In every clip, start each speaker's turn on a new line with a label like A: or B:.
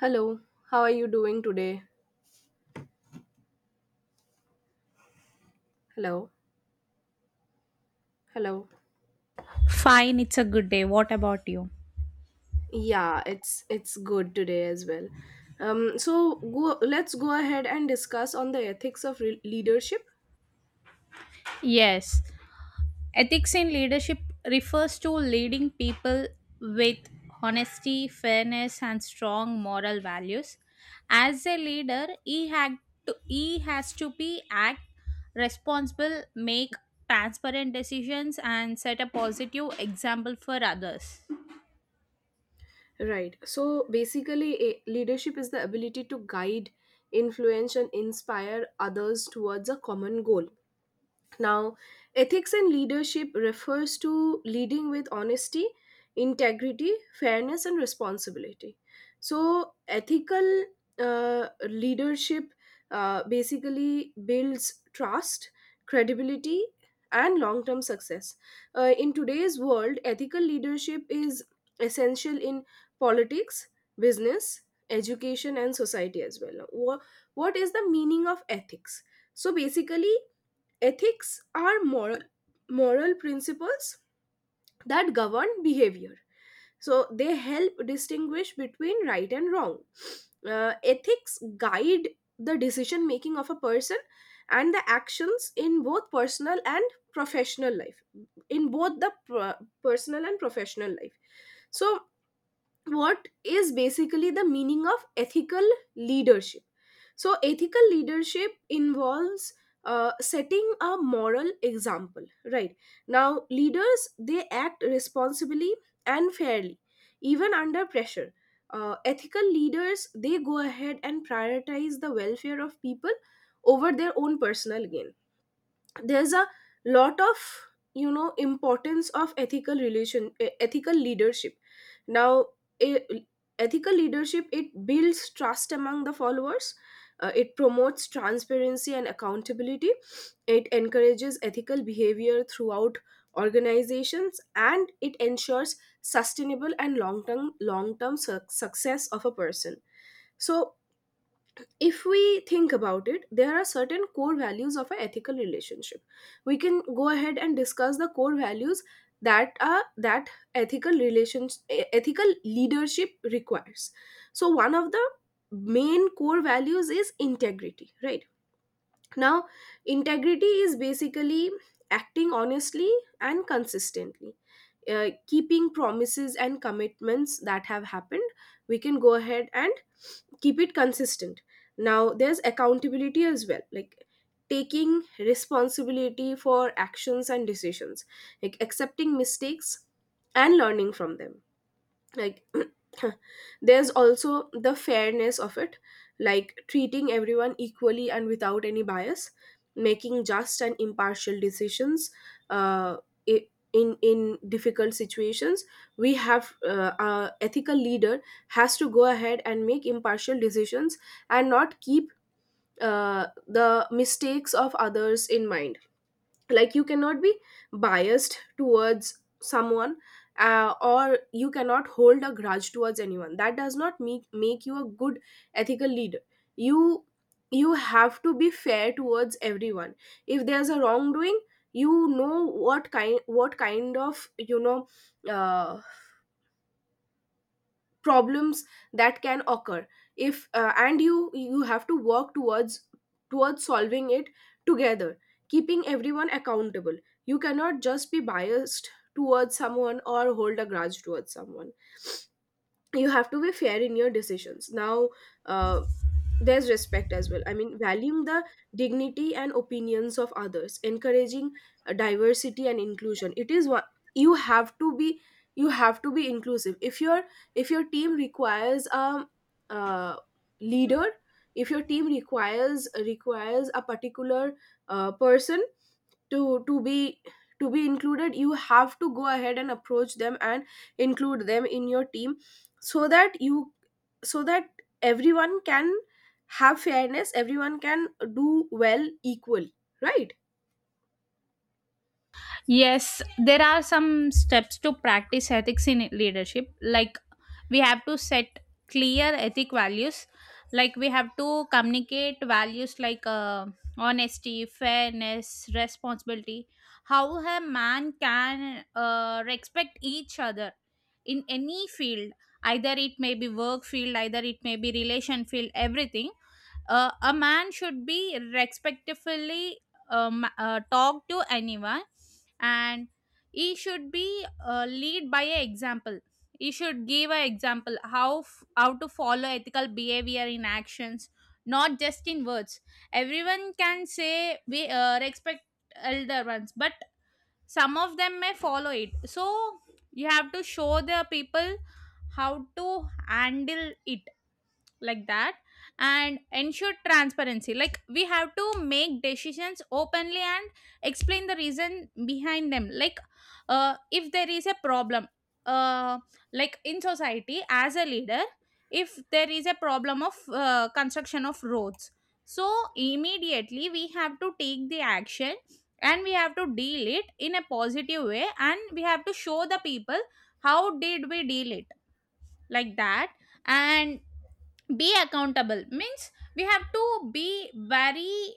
A: Hello, how are you doing today? Hello, hello.
B: Fine, it's a good day. What about you?
A: Yeah, it's good today as well. So go let's go ahead and discuss on the ethics of leadership.
B: Yes, ethics in leadership refers to leading people with honesty, fairness, and strong moral values. As a leader, he has to be act responsible, make transparent decisions, and set a positive example for others.
A: Right. So basically, leadership is the ability to guide, influence, and inspire others towards a common goal. Now, ethics in leadership refers to leading with honesty, integrity, fairness, and responsibility. So, ethical leadership basically builds trust, credibility, and long term success. In today's world, ethical leadership is essential in politics, business, education, and society as well. What is the meaning of ethics? So, basically, ethics are moral principles that govern behavior, so they help distinguish between right and wrong. Ethics guide the decision making of a person and the actions in both personal and professional life, in both the pro- personal and professional life. So what is basically the meaning of ethical leadership? So ethical leadership involves setting a moral example, right? Now leaders, they act responsibly and fairly even under pressure. Ethical leaders, they go ahead and prioritize the welfare of people over their own personal gain. There's a lot of importance of ethical ethical leadership. Now, eh, ethical leadership, it builds trust among the followers. It promotes transparency and accountability, it encourages ethical behavior throughout organizations, and it ensures sustainable and long term success of a person. So if we think about it, there are certain core values of an ethical relationship. We can go ahead and discuss the core values that are that ethical ethical leadership requires. So one of the main core values is integrity, right? Now, integrity is basically acting honestly and consistently. Keeping promises and commitments that have happened, we can go ahead and keep it consistent. Now there's accountability as well, like taking responsibility for actions and decisions, like accepting mistakes and learning from them, like there's also the fairness of it, like treating everyone equally and without any bias, making just and impartial decisions. uh, i- in difficult situations, we have our ethical leader has to go ahead and make impartial decisions and not keep the mistakes of others in mind. Like you cannot be biased towards someone, or you cannot hold a grudge towards anyone. That does not make you a good ethical leader. you you have to be fair towards everyone. If there's a wrongdoing, you know, what kind of, you know, uh, problems that can occur if, and you have to work towards solving it together, keeping everyone accountable. You cannot just be biased towards someone or hold a grudge towards someone. You have to be fair in your decisions. Now, uh, there's respect as well, I mean valuing the dignity and opinions of others, encouraging diversity and inclusion. It is what, you have to be, you have to be inclusive. If your, if your team requires a, uh leader if your team requires a particular person to, to be included, you have to go ahead and approach them and include them in your team, so that you, so that everyone can have fairness, everyone can do well equally, right?
B: Yes, there are some steps to practice ethics in leadership. Like we have to set clear ethic values. Like we have to communicate values like honesty, fairness, responsibility. How a man can respect each other in any field, either it may be work field, either it may be relation field, everything a man should be respectfully talk to anyone, and he should be lead by an example. He should give an example how how to follow ethical behavior in actions, not just in words. Everyone can say we respect elder ones, but some of them may follow it. So you have to show the people how to handle it, like that, and ensure transparency. Like we have to make decisions openly and explain the reason behind them. Like if there is a problem, uh, like in society as a leader, if there is a problem of construction of roads, so immediately we have to take the action, and we have to deal it in a positive way, and we have to show the people how did we deal it, like that. And be accountable means we have to be very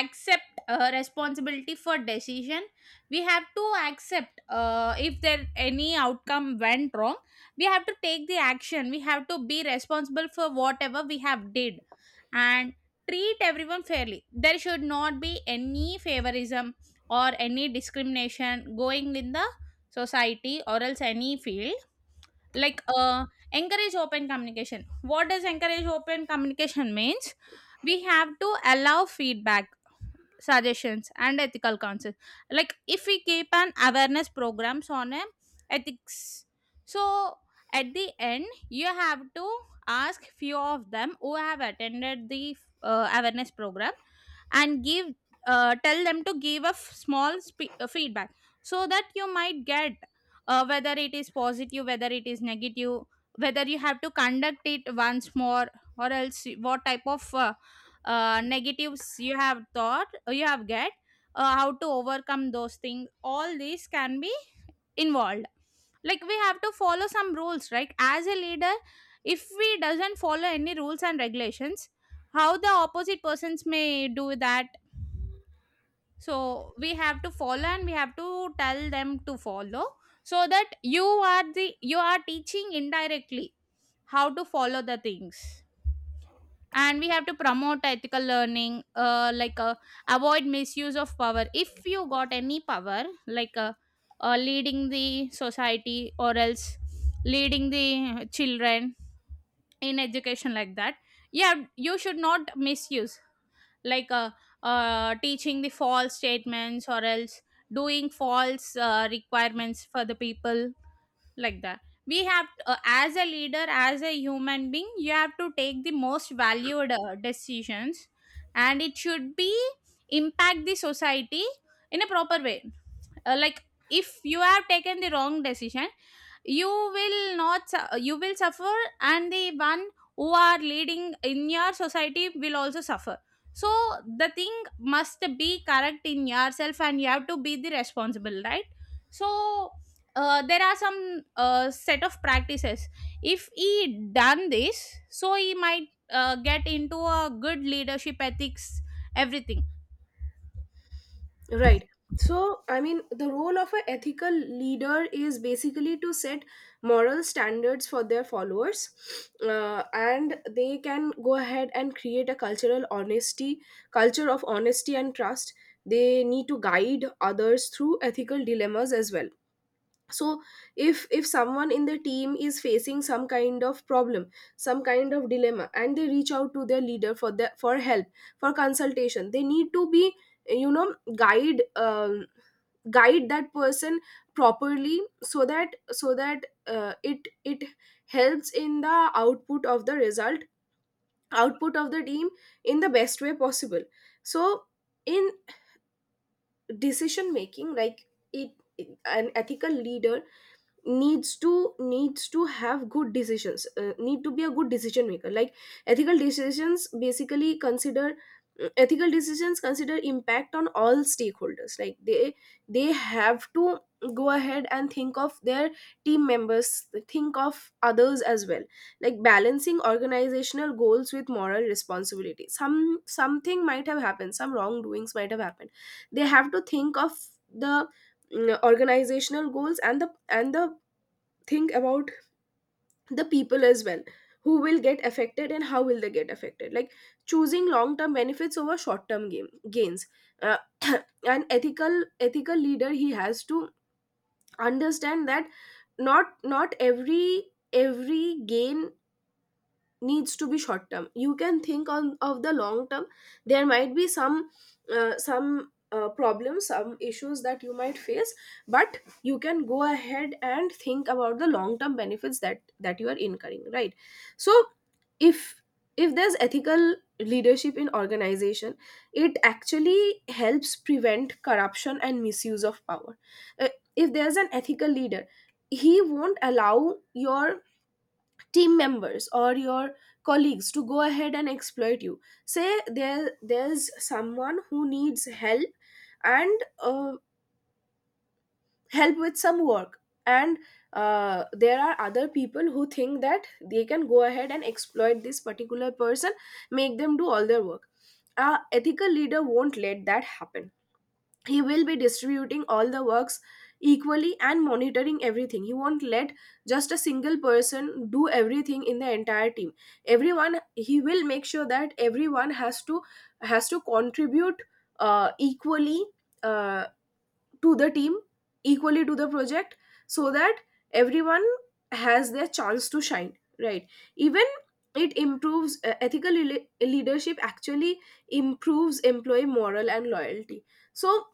B: accept responsibility for decision. We have to accept, if there any outcome went wrong, we have to take the action, we have to be responsible for whatever we have did. And treat everyone fairly, there should not be any favorism or any discrimination going in the society or else any field. Like encourage open communication. What does encourage open communication means? We have to allow feedback, suggestions, and ethical concerns. Like if we keep an awareness programs on ethics, so at the end you have to ask few of them who have attended the awareness program and give, tell them to give a small feedback, so that you might get whether it is positive, whether it is negative, whether you have to conduct it once more, or else what type of negatives you have thought, you have get how to overcome those things. All these can be involved. Like we have to follow some rules, right, as a leader. If we doesn't follow any rules and regulations, how the opposite persons may do that? So we have to follow, and we have to tell them to follow, so that you are the you are teaching indirectly how to follow the things. And we have to promote ethical learning, like avoid misuse of power. If you got any power, like leading the society or else leading the children in education, like that, yeah, you should not misuse. Like teaching the false statements or else doing false requirements for the people, like that. We have, as a leader, as a human being, you have to take the most valued decisions, and it should be impact the society in a proper way. Like if you have taken the wrong decision, you will not su- you will suffer, and the one who are leading in your society will also suffer. So the thing must be correct in yourself, and you have to be the responsible, right. So there are some set of practices. If he done this, so he might get into a good leadership ethics, everything.
A: Right. So, I mean, the role of an ethical leader is basically to set moral standards for their followers, and they can go ahead and create a culture of honesty and trust. They need to guide others through ethical dilemmas as well. So if someone in the team is facing some kind of problem, some kind of dilemma, and they reach out to their leader for the for help, for consultation, they need to be, guide guide that person properly, so that, so that it, it helps in the output of the result, output of the team, in the best way possible. So in decision making, like, it, an ethical leader needs to have good decisions, need to be a good decision maker. Like ethical decisions basically consider ethical decisions consider impact on all stakeholders. Like they have to go ahead and think of their team members, think of others as well, like balancing organizational goals with moral responsibility. Some, something might have happened, some wrongdoings might have happened. They have to think of the organizational goals and the, and the, think about the people as well, who will get affected and how will they get affected. Like choosing long term benefits over short term gains. uh, an ethical leader, he has to understand that not every, every gain needs to be short term. You can think on of the long term. There might be some problems, some issues that you might face, but you can go ahead and think about the long term benefits that, that you are incurring, right? So if if there's ethical leadership in organization, it actually helps prevent corruption and misuse of power. Uh, if there's an ethical leader, he won't allow your team members or your colleagues to go ahead and exploit you. Say there, there's someone who needs help and help with some work, and there are other people who think that they can go ahead and exploit this particular person, make them do all their work. A ethical leader won't let that happen. He will be distributing all the works equally and monitoring everything. He won't let just a single person do everything in the entire team. Everyone, he will make sure that everyone has to, has to contribute equally, uh, to the team, equally to the project, so that everyone has their chance to shine, right? Even it improves leadership actually improves employee morale and loyalty. So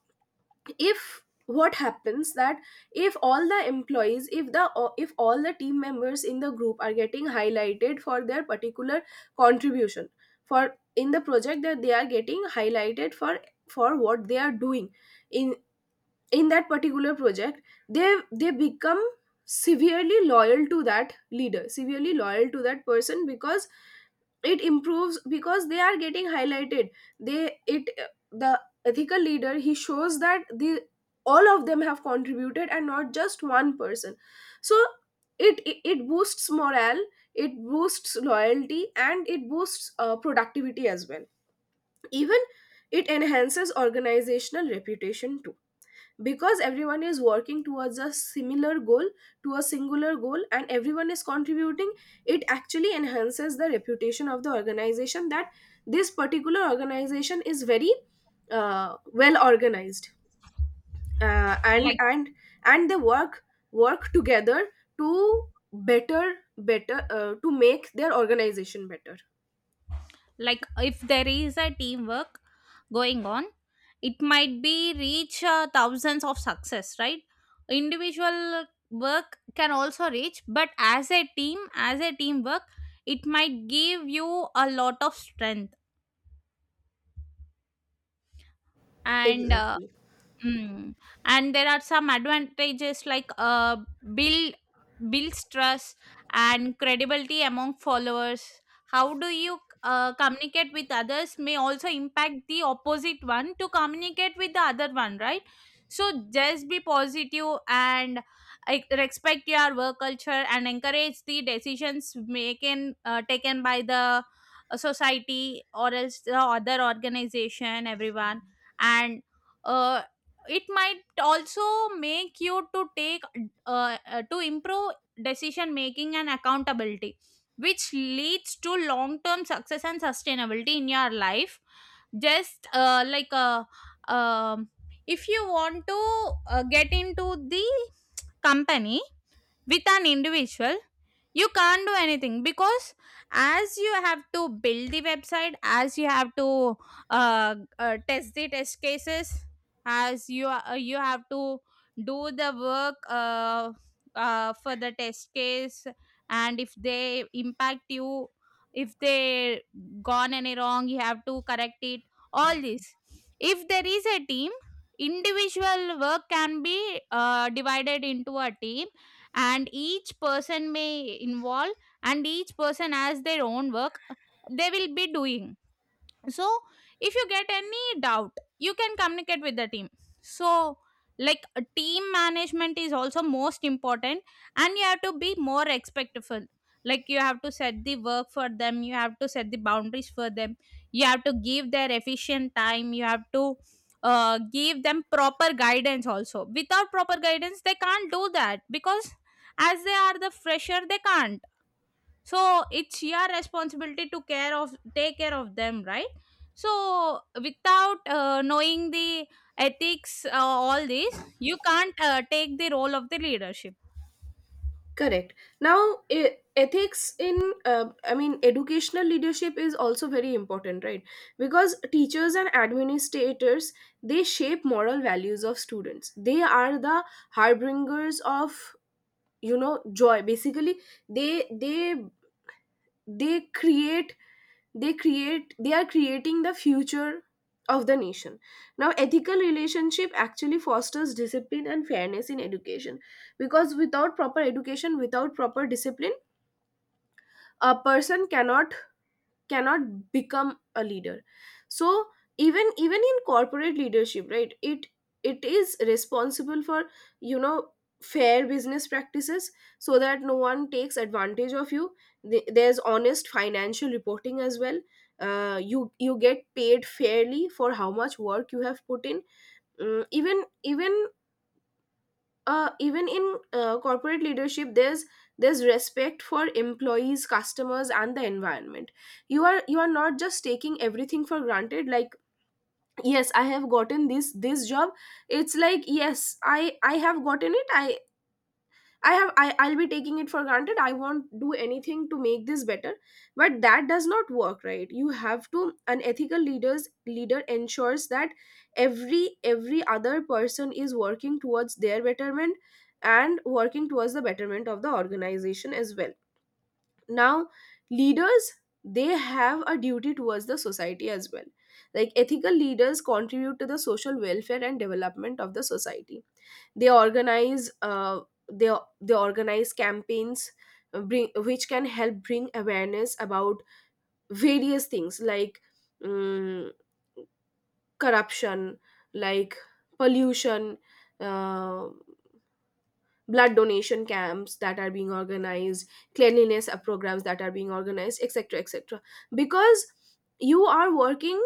A: if what happens that, if all the employees, if the, if all the team members in the group are getting highlighted for their particular contribution, for in the project, that they are getting highlighted for what they are doing in in that particular project, they become severely loyal to that leader, severely loyal to that person, because it improves, because they are getting highlighted, they it, the ethical leader, he shows that the, all of them have contributed and not just one person. So it, it boosts morale, it boosts loyalty, and it boosts productivity as well. Even it enhances organizational reputation too, because everyone is working towards a similar goal, to a singular goal, and everyone is contributing. It actually enhances the reputation of the organization, that this particular organization is very well organized, uh, and
B: Like
A: and and they work together to better to make their organization better.
B: if there is a teamwork going on, it might be reach thousands of success, right. Individual work can also reach, but as a team, as a teamwork, it might give you a lot of strength. And
A: Exactly.
B: mm. And there are some advantages, like build builds trust and credibility among followers. How do you communicate with others may also impact the opposite one to communicate with the other one, right? So just be positive and respect your work culture and encourage the decisions making taken by the society or else the other organization, everyone. And uh, it might also make you to take to improve decision making and accountability, which leads to long term success and sustainability in your life. Just um if you want to get into the company with an individual, you can't do anything, because as you have to build the website, as you have to test the test cases, as you you have to do the work for the test case, and if they impact you, if they gone any wrong, you have to correct it, all this. If there is a team, individual work can be divided into a team, and each person may involve, and each person has their own work they will be doing. So if you get any doubt, you can communicate with the team. So like a team management is also most important, and you have to be more respectful. Like you have to set the work for them, you have to set the boundaries for them, you have to give their efficient time, you have to give them proper guidance also. Without proper guidance they can't do that, because as they are the fresher, they can't. So it's your responsibility to care of take care of them, right. So without knowing the ethics, all these you can't take the role of the leadership.
A: Correct. Now, ethics in, I mean, educational leadership is also very important, right? Because teachers and administrators, they shape moral values of students. They are the harbingers of, you know, joy. Basically, they they they create they create they are creating the future of the nation. Now ethical relationship actually fosters discipline and fairness in education, because without proper education, without proper discipline, a person cannot become a leader. So even, even in corporate leadership, right, it is responsible for, you know, fair business practices, so that no one takes advantage of you. There's honest financial reporting as well. You, you get paid fairly for how much work you have put in. Even, even even in corporate leadership, there's respect for employees, customers, and the environment. You are, you are not just taking everything for granted. Like, yes, I have gotten this job. It's like, yes, I have gotten it, I, I'll be taking it for granted, I won't do anything to make this better. But that does not work, right? You have to, an ethical leader ensures that every other person is working towards their betterment, and working towards the betterment of the organization as well. Now leaders, they have a duty towards the society as well. Like, ethical leaders contribute to the social welfare and development of the society. They organize they they organize campaigns, which can help bring awareness about various things like um, corruption, like pollution, uh, blood donation camps that are being organized, cleanliness programs that are being organized, etc, etc. Because you are working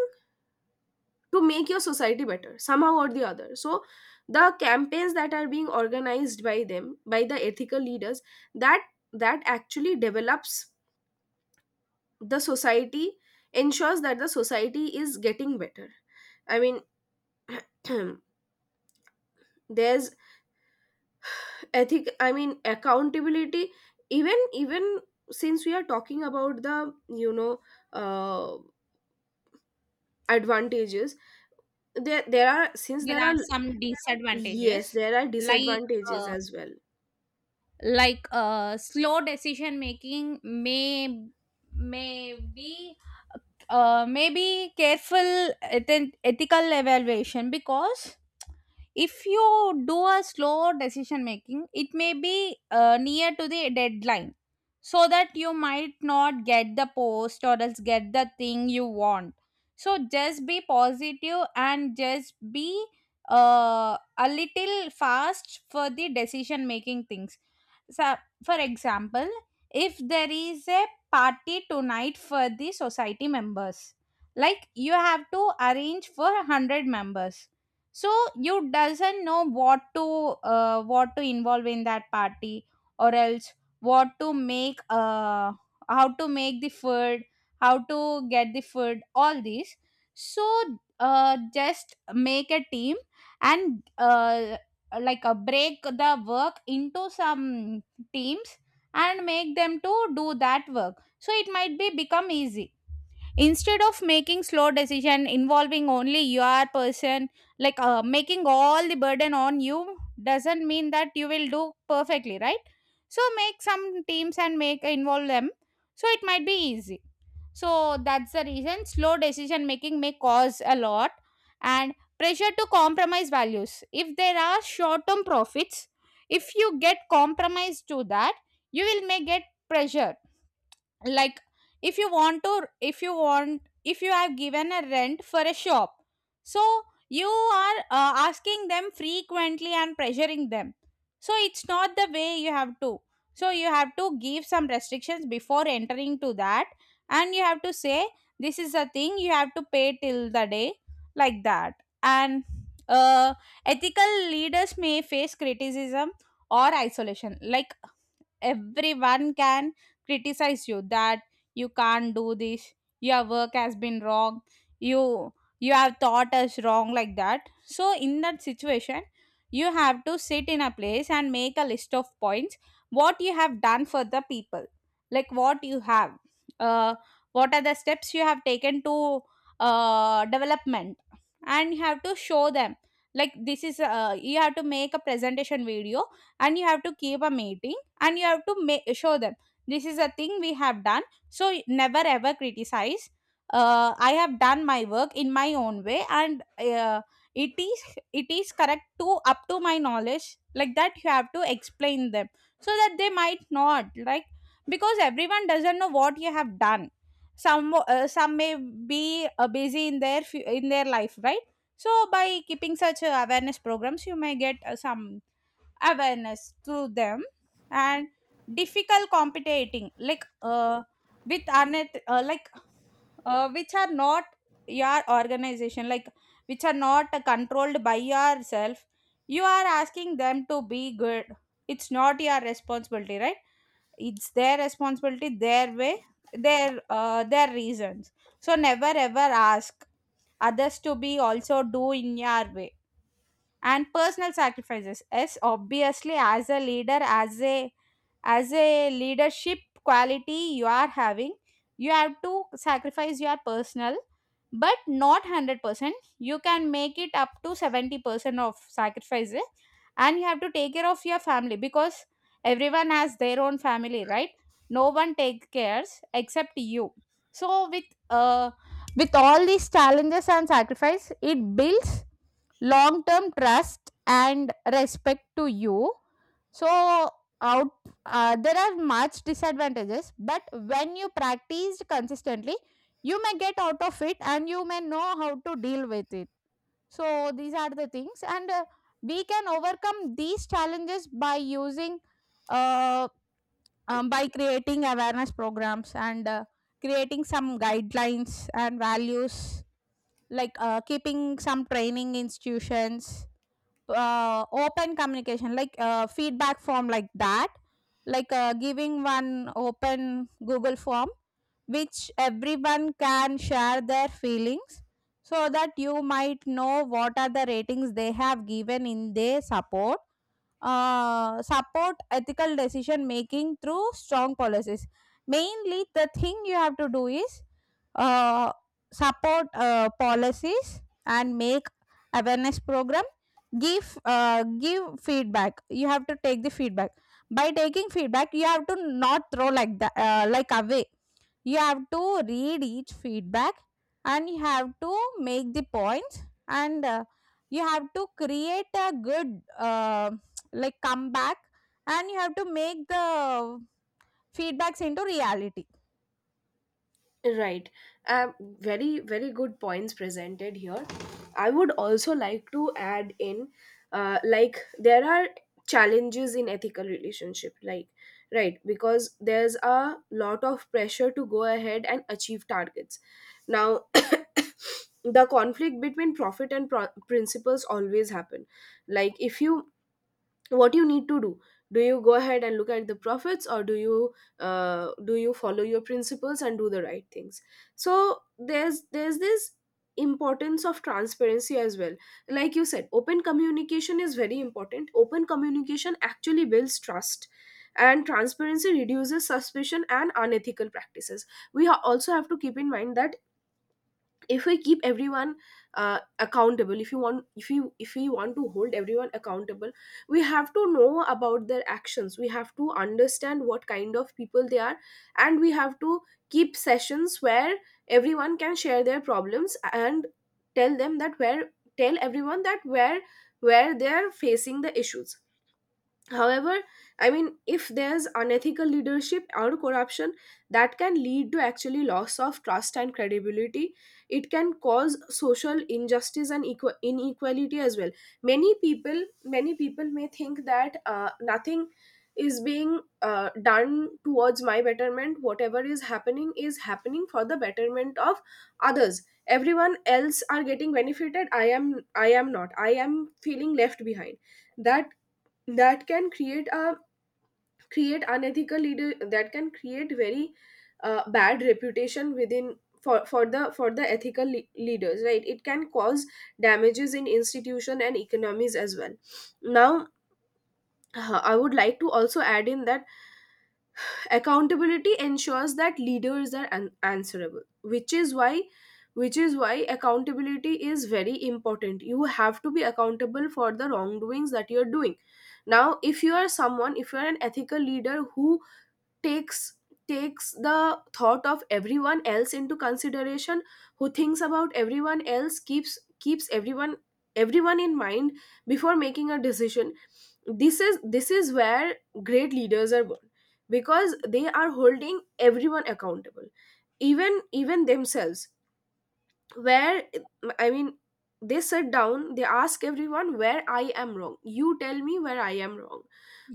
A: to make your society better somehow or the other. So the campaigns that are being organized by them, by the ethical leaders, that, that actually develops the society, ensures that the society is getting better. I mean, there's ethic I mean accountability. Even, even since we are talking about the, you know, uh, advantages, there are, since
B: There
A: there are,
B: are some
A: yes
B: disadvantages,
A: there are
B: like
A: disadvantages
B: uh,
A: as well.
B: slow decision making may may be maybe careful ethical evaluation, because if you do a slow decision making, it may be near to the deadline, so that you might not get the post or else get the thing you want. So just be positive and just be a little fast for the decision making things. So for example, if there is a party tonight for the society members, like you have to arrange for 100 members. So you doesn't know what to involve in that party, or else what to make, how to make the food, how to get the food, all these. So just make a team and like a break the work into some teams, and make them to do that work, so it might be become easy, instead of making slow decision involving only your person, like making all the burden on you doesn't mean that you will do perfectly, right. So make some teams and make involve them, so it might be easy. So that's the reason slow decision making may cause a lot. And pressure to compromise values. If there are short term profits, if you get compromised to that, you will may get pressure. Like if you want, if you have given a rent for a shop, so you are asking them frequently and pressuring them, so it's not the way. You have to, so you have to give some restrictions before entering to that, and you have to say this is a thing you have to pay till the day, like that. And uh, ethical leaders may face criticism or isolation. Like everyone can criticize you that you can't do this, your work has been wrong, you you have taught us wrong, like that. So in that situation, you have to sit in a place and make a list of points what you have done for the people, like what you have uh, what are the steps you have taken to development, and you have to show them. Like this is, you have to make a presentation video, and you have to keep a meeting, and you have to show them this is a thing we have done. So never ever criticize. I have done my work in my own way, and uh, it is it is correct to up to my knowledge, like that you have to explain them, so that they might not like. Because everyone doesn't know what you have done. Some, some may be busy in their in their life, right. So by keeping such awareness programs, you may get some awareness to them. And difficult competing, like with like which are not your organization, like which are not controlled by yourself. You are asking them to be good, it's not your responsibility, right. It's their responsibility, their way, their reasons. So never ever ask others to be also do in your way. And personal sacrifices, yes, obviously, as a leader, as a leadership quality you are having, you have to sacrifice your personal. But not 100%. You can make it up to 70% of sacrifices, and you have to take care of your family, because everyone has their own family, right? No one take cares except you. So with all these challenges and sacrifice, it builds long term trust and respect to you. So out, there are much disadvantages, but when you practiced consistently, you may get out of it and you may know how to deal with it. So these are the things, and we can overcome these challenges by using uh, by creating awareness programs, and creating some guidelines and values, like keeping some training institutions, open communication, like feedback form like that, like giving one open Google form, which everyone can share their feelings, so that you might know what are the ratings they have given in their support. Support ethical decision making through strong policies. Mainly, the thing you have to do is uh, support policies and make awareness program. Give feedback. You have to take the feedback. By taking feedback, you have to not throw like that, like, away. You have to read each feedback and you have to make the points, and you have to create a good like comeback, and you have to make the feedbacks into reality.
A: Right. Very, very good points presented here. I would also like to add in, like, there are challenges in ethical relationship, like, right, because there's a lot of pressure to go ahead and achieve targets. Now, the conflict between principles always happen. Like, if you what you need to do, do you go ahead and look at the profits, or do you follow your principles and do the right things? So there's this importance of transparency as well. Like you said, open communication is very important. Open communication actually builds trust, and transparency reduces suspicion and unethical practices. Also have to keep in mind that if we keep everyone accountable, if you want if you if we want to hold everyone accountable, we have to know about their actions. We have to understand what kind of people they are, and we have to keep sessions where everyone can share their problems and tell them that where tell everyone that where they are facing the issues. However, I mean, if there's unethical leadership or corruption, that can lead to actually loss of trust and credibility. It can cause social injustice and inequality as well. Many people may think that nothing is being done towards my betterment. Whatever is happening for the betterment of others. Everyone else are getting benefited. I am not. I am feeling left behind. That that can create a create unethical leader, that can create very bad reputation within for the ethical leaders, right? It can cause damages in institution and economies as well. Now, I would like to also add in that accountability ensures that leaders are answerable, which is why accountability is very important. You have to be accountable for the wrongdoings that you're doing. Now, if you are someone, if you're an ethical leader who takes takes the thought of everyone else into consideration, who thinks about everyone else, keeps everyone, everyone in mind before making a decision, this is where great leaders are born, because they are holding everyone accountable, even, even themselves. Where, I mean, they sit down, they ask everyone, where I am wrong, you tell me where I am wrong.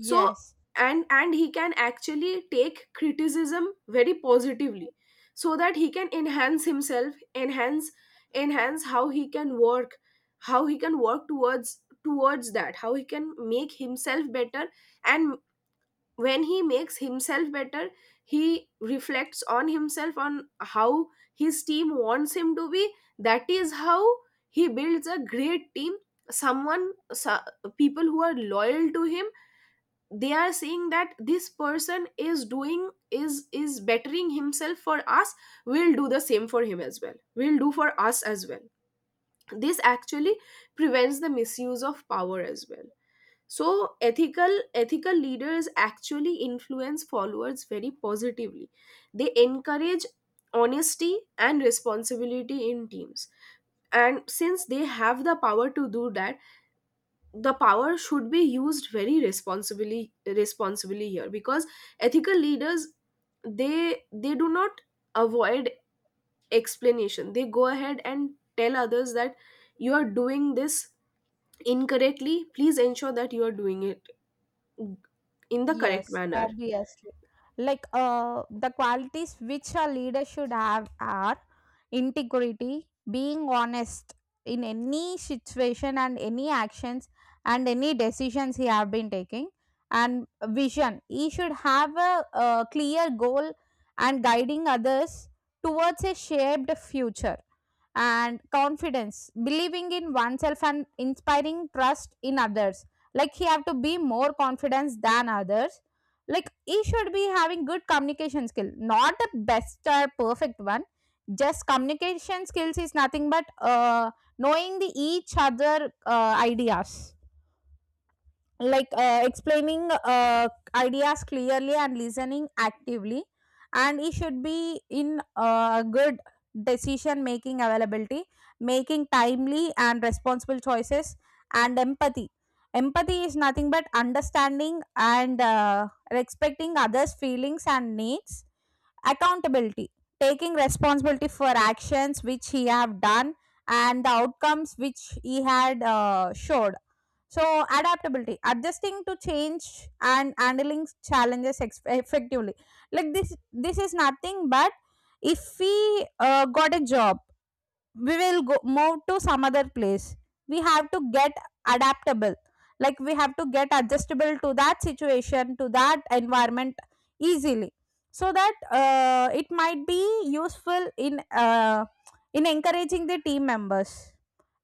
A: So and he can actually take criticism very positively, so that he can enhance himself enhance enhance how he can work, how he can work towards, towards that, how he can make himself better. And when he makes himself better, he reflects on himself on how his team wants him to be. That is how he builds a great team. Someone, so people who are loyal to him, they are saying that this person is doing is bettering himself for us. We'll do the same for him as well, we'll do for us as well. This actually prevents the misuse of power as well. So ethical leaders actually influence followers very positively. They encourage honesty and responsibility in teams, and since they have the power to do that, the power should be used very responsibly here, because ethical leaders, they do not avoid explanation. They go ahead and tell others that you are doing this incorrectly, please ensure that you are doing it in the
B: Yes,
A: correct manner.
B: obviously. Like the qualities which a leader should have are integrity, being honest in any situation and any actions and any decisions he have been taking, and vision. He should have a clear goal and guiding others towards a shaped future. And confidence, believing in oneself and inspiring trust in others. Like, he have to be more confidence than others. Like, he should be having good communication skill, not the best or perfect one. Just communication skills is nothing but knowing the each other ideas, like explaining ideas clearly and listening actively. And he should be in good decision making availability, making timely and responsible choices. And empathy. Empathy is nothing but understanding and respecting others feelings and needs. Accountability, taking responsibility for actions which he have done and the outcomes which he had showed. So adaptability, adjusting to change and handling challenges effectively. Like, this is nothing but if we got a job, we will go move to some other place, we have to get adaptable. Like, we have to get adjustable to that situation, to that environment, easily, so that it might be useful in encouraging the team members.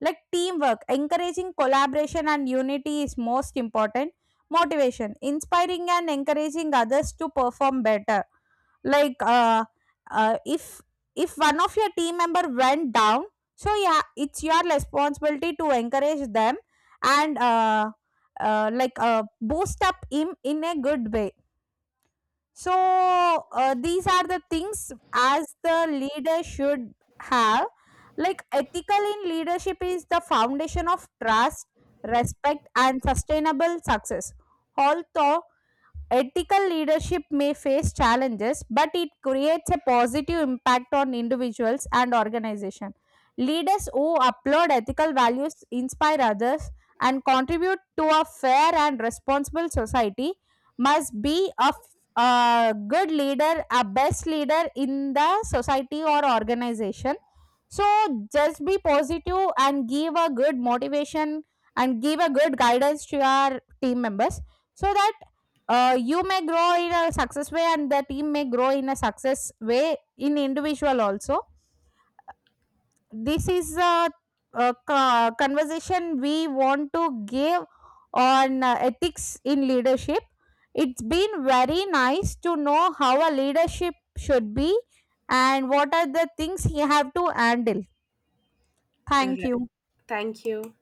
B: Like, teamwork, encouraging collaboration and unity is most important. Motivation, inspiring and encouraging others to perform better. Like uh, uh if if one of your team member went down, so yeah, it's your responsibility to encourage them, and boost up him in a good way. So these are the things as the leader should have. Like, ethical in leadership is the foundation of trust, respect and sustainable success. Although ethical leadership may face challenges, but it creates a positive impact on individuals and organizations. Leaders who uphold ethical values inspire others and contribute to a fair and responsible society. Must be a f- A good leader, a best leader in the society or organization. So just be positive and give a good motivation and give a good guidance to your team members, so that you may grow in a success way and the team may grow in a success way in individual also. This is a conversation we want to give on ethics in leadership. It's been very nice to know how a leadership should be and what are the things you have to handle. Thank
A: Re-
B: you.
A: Thank you.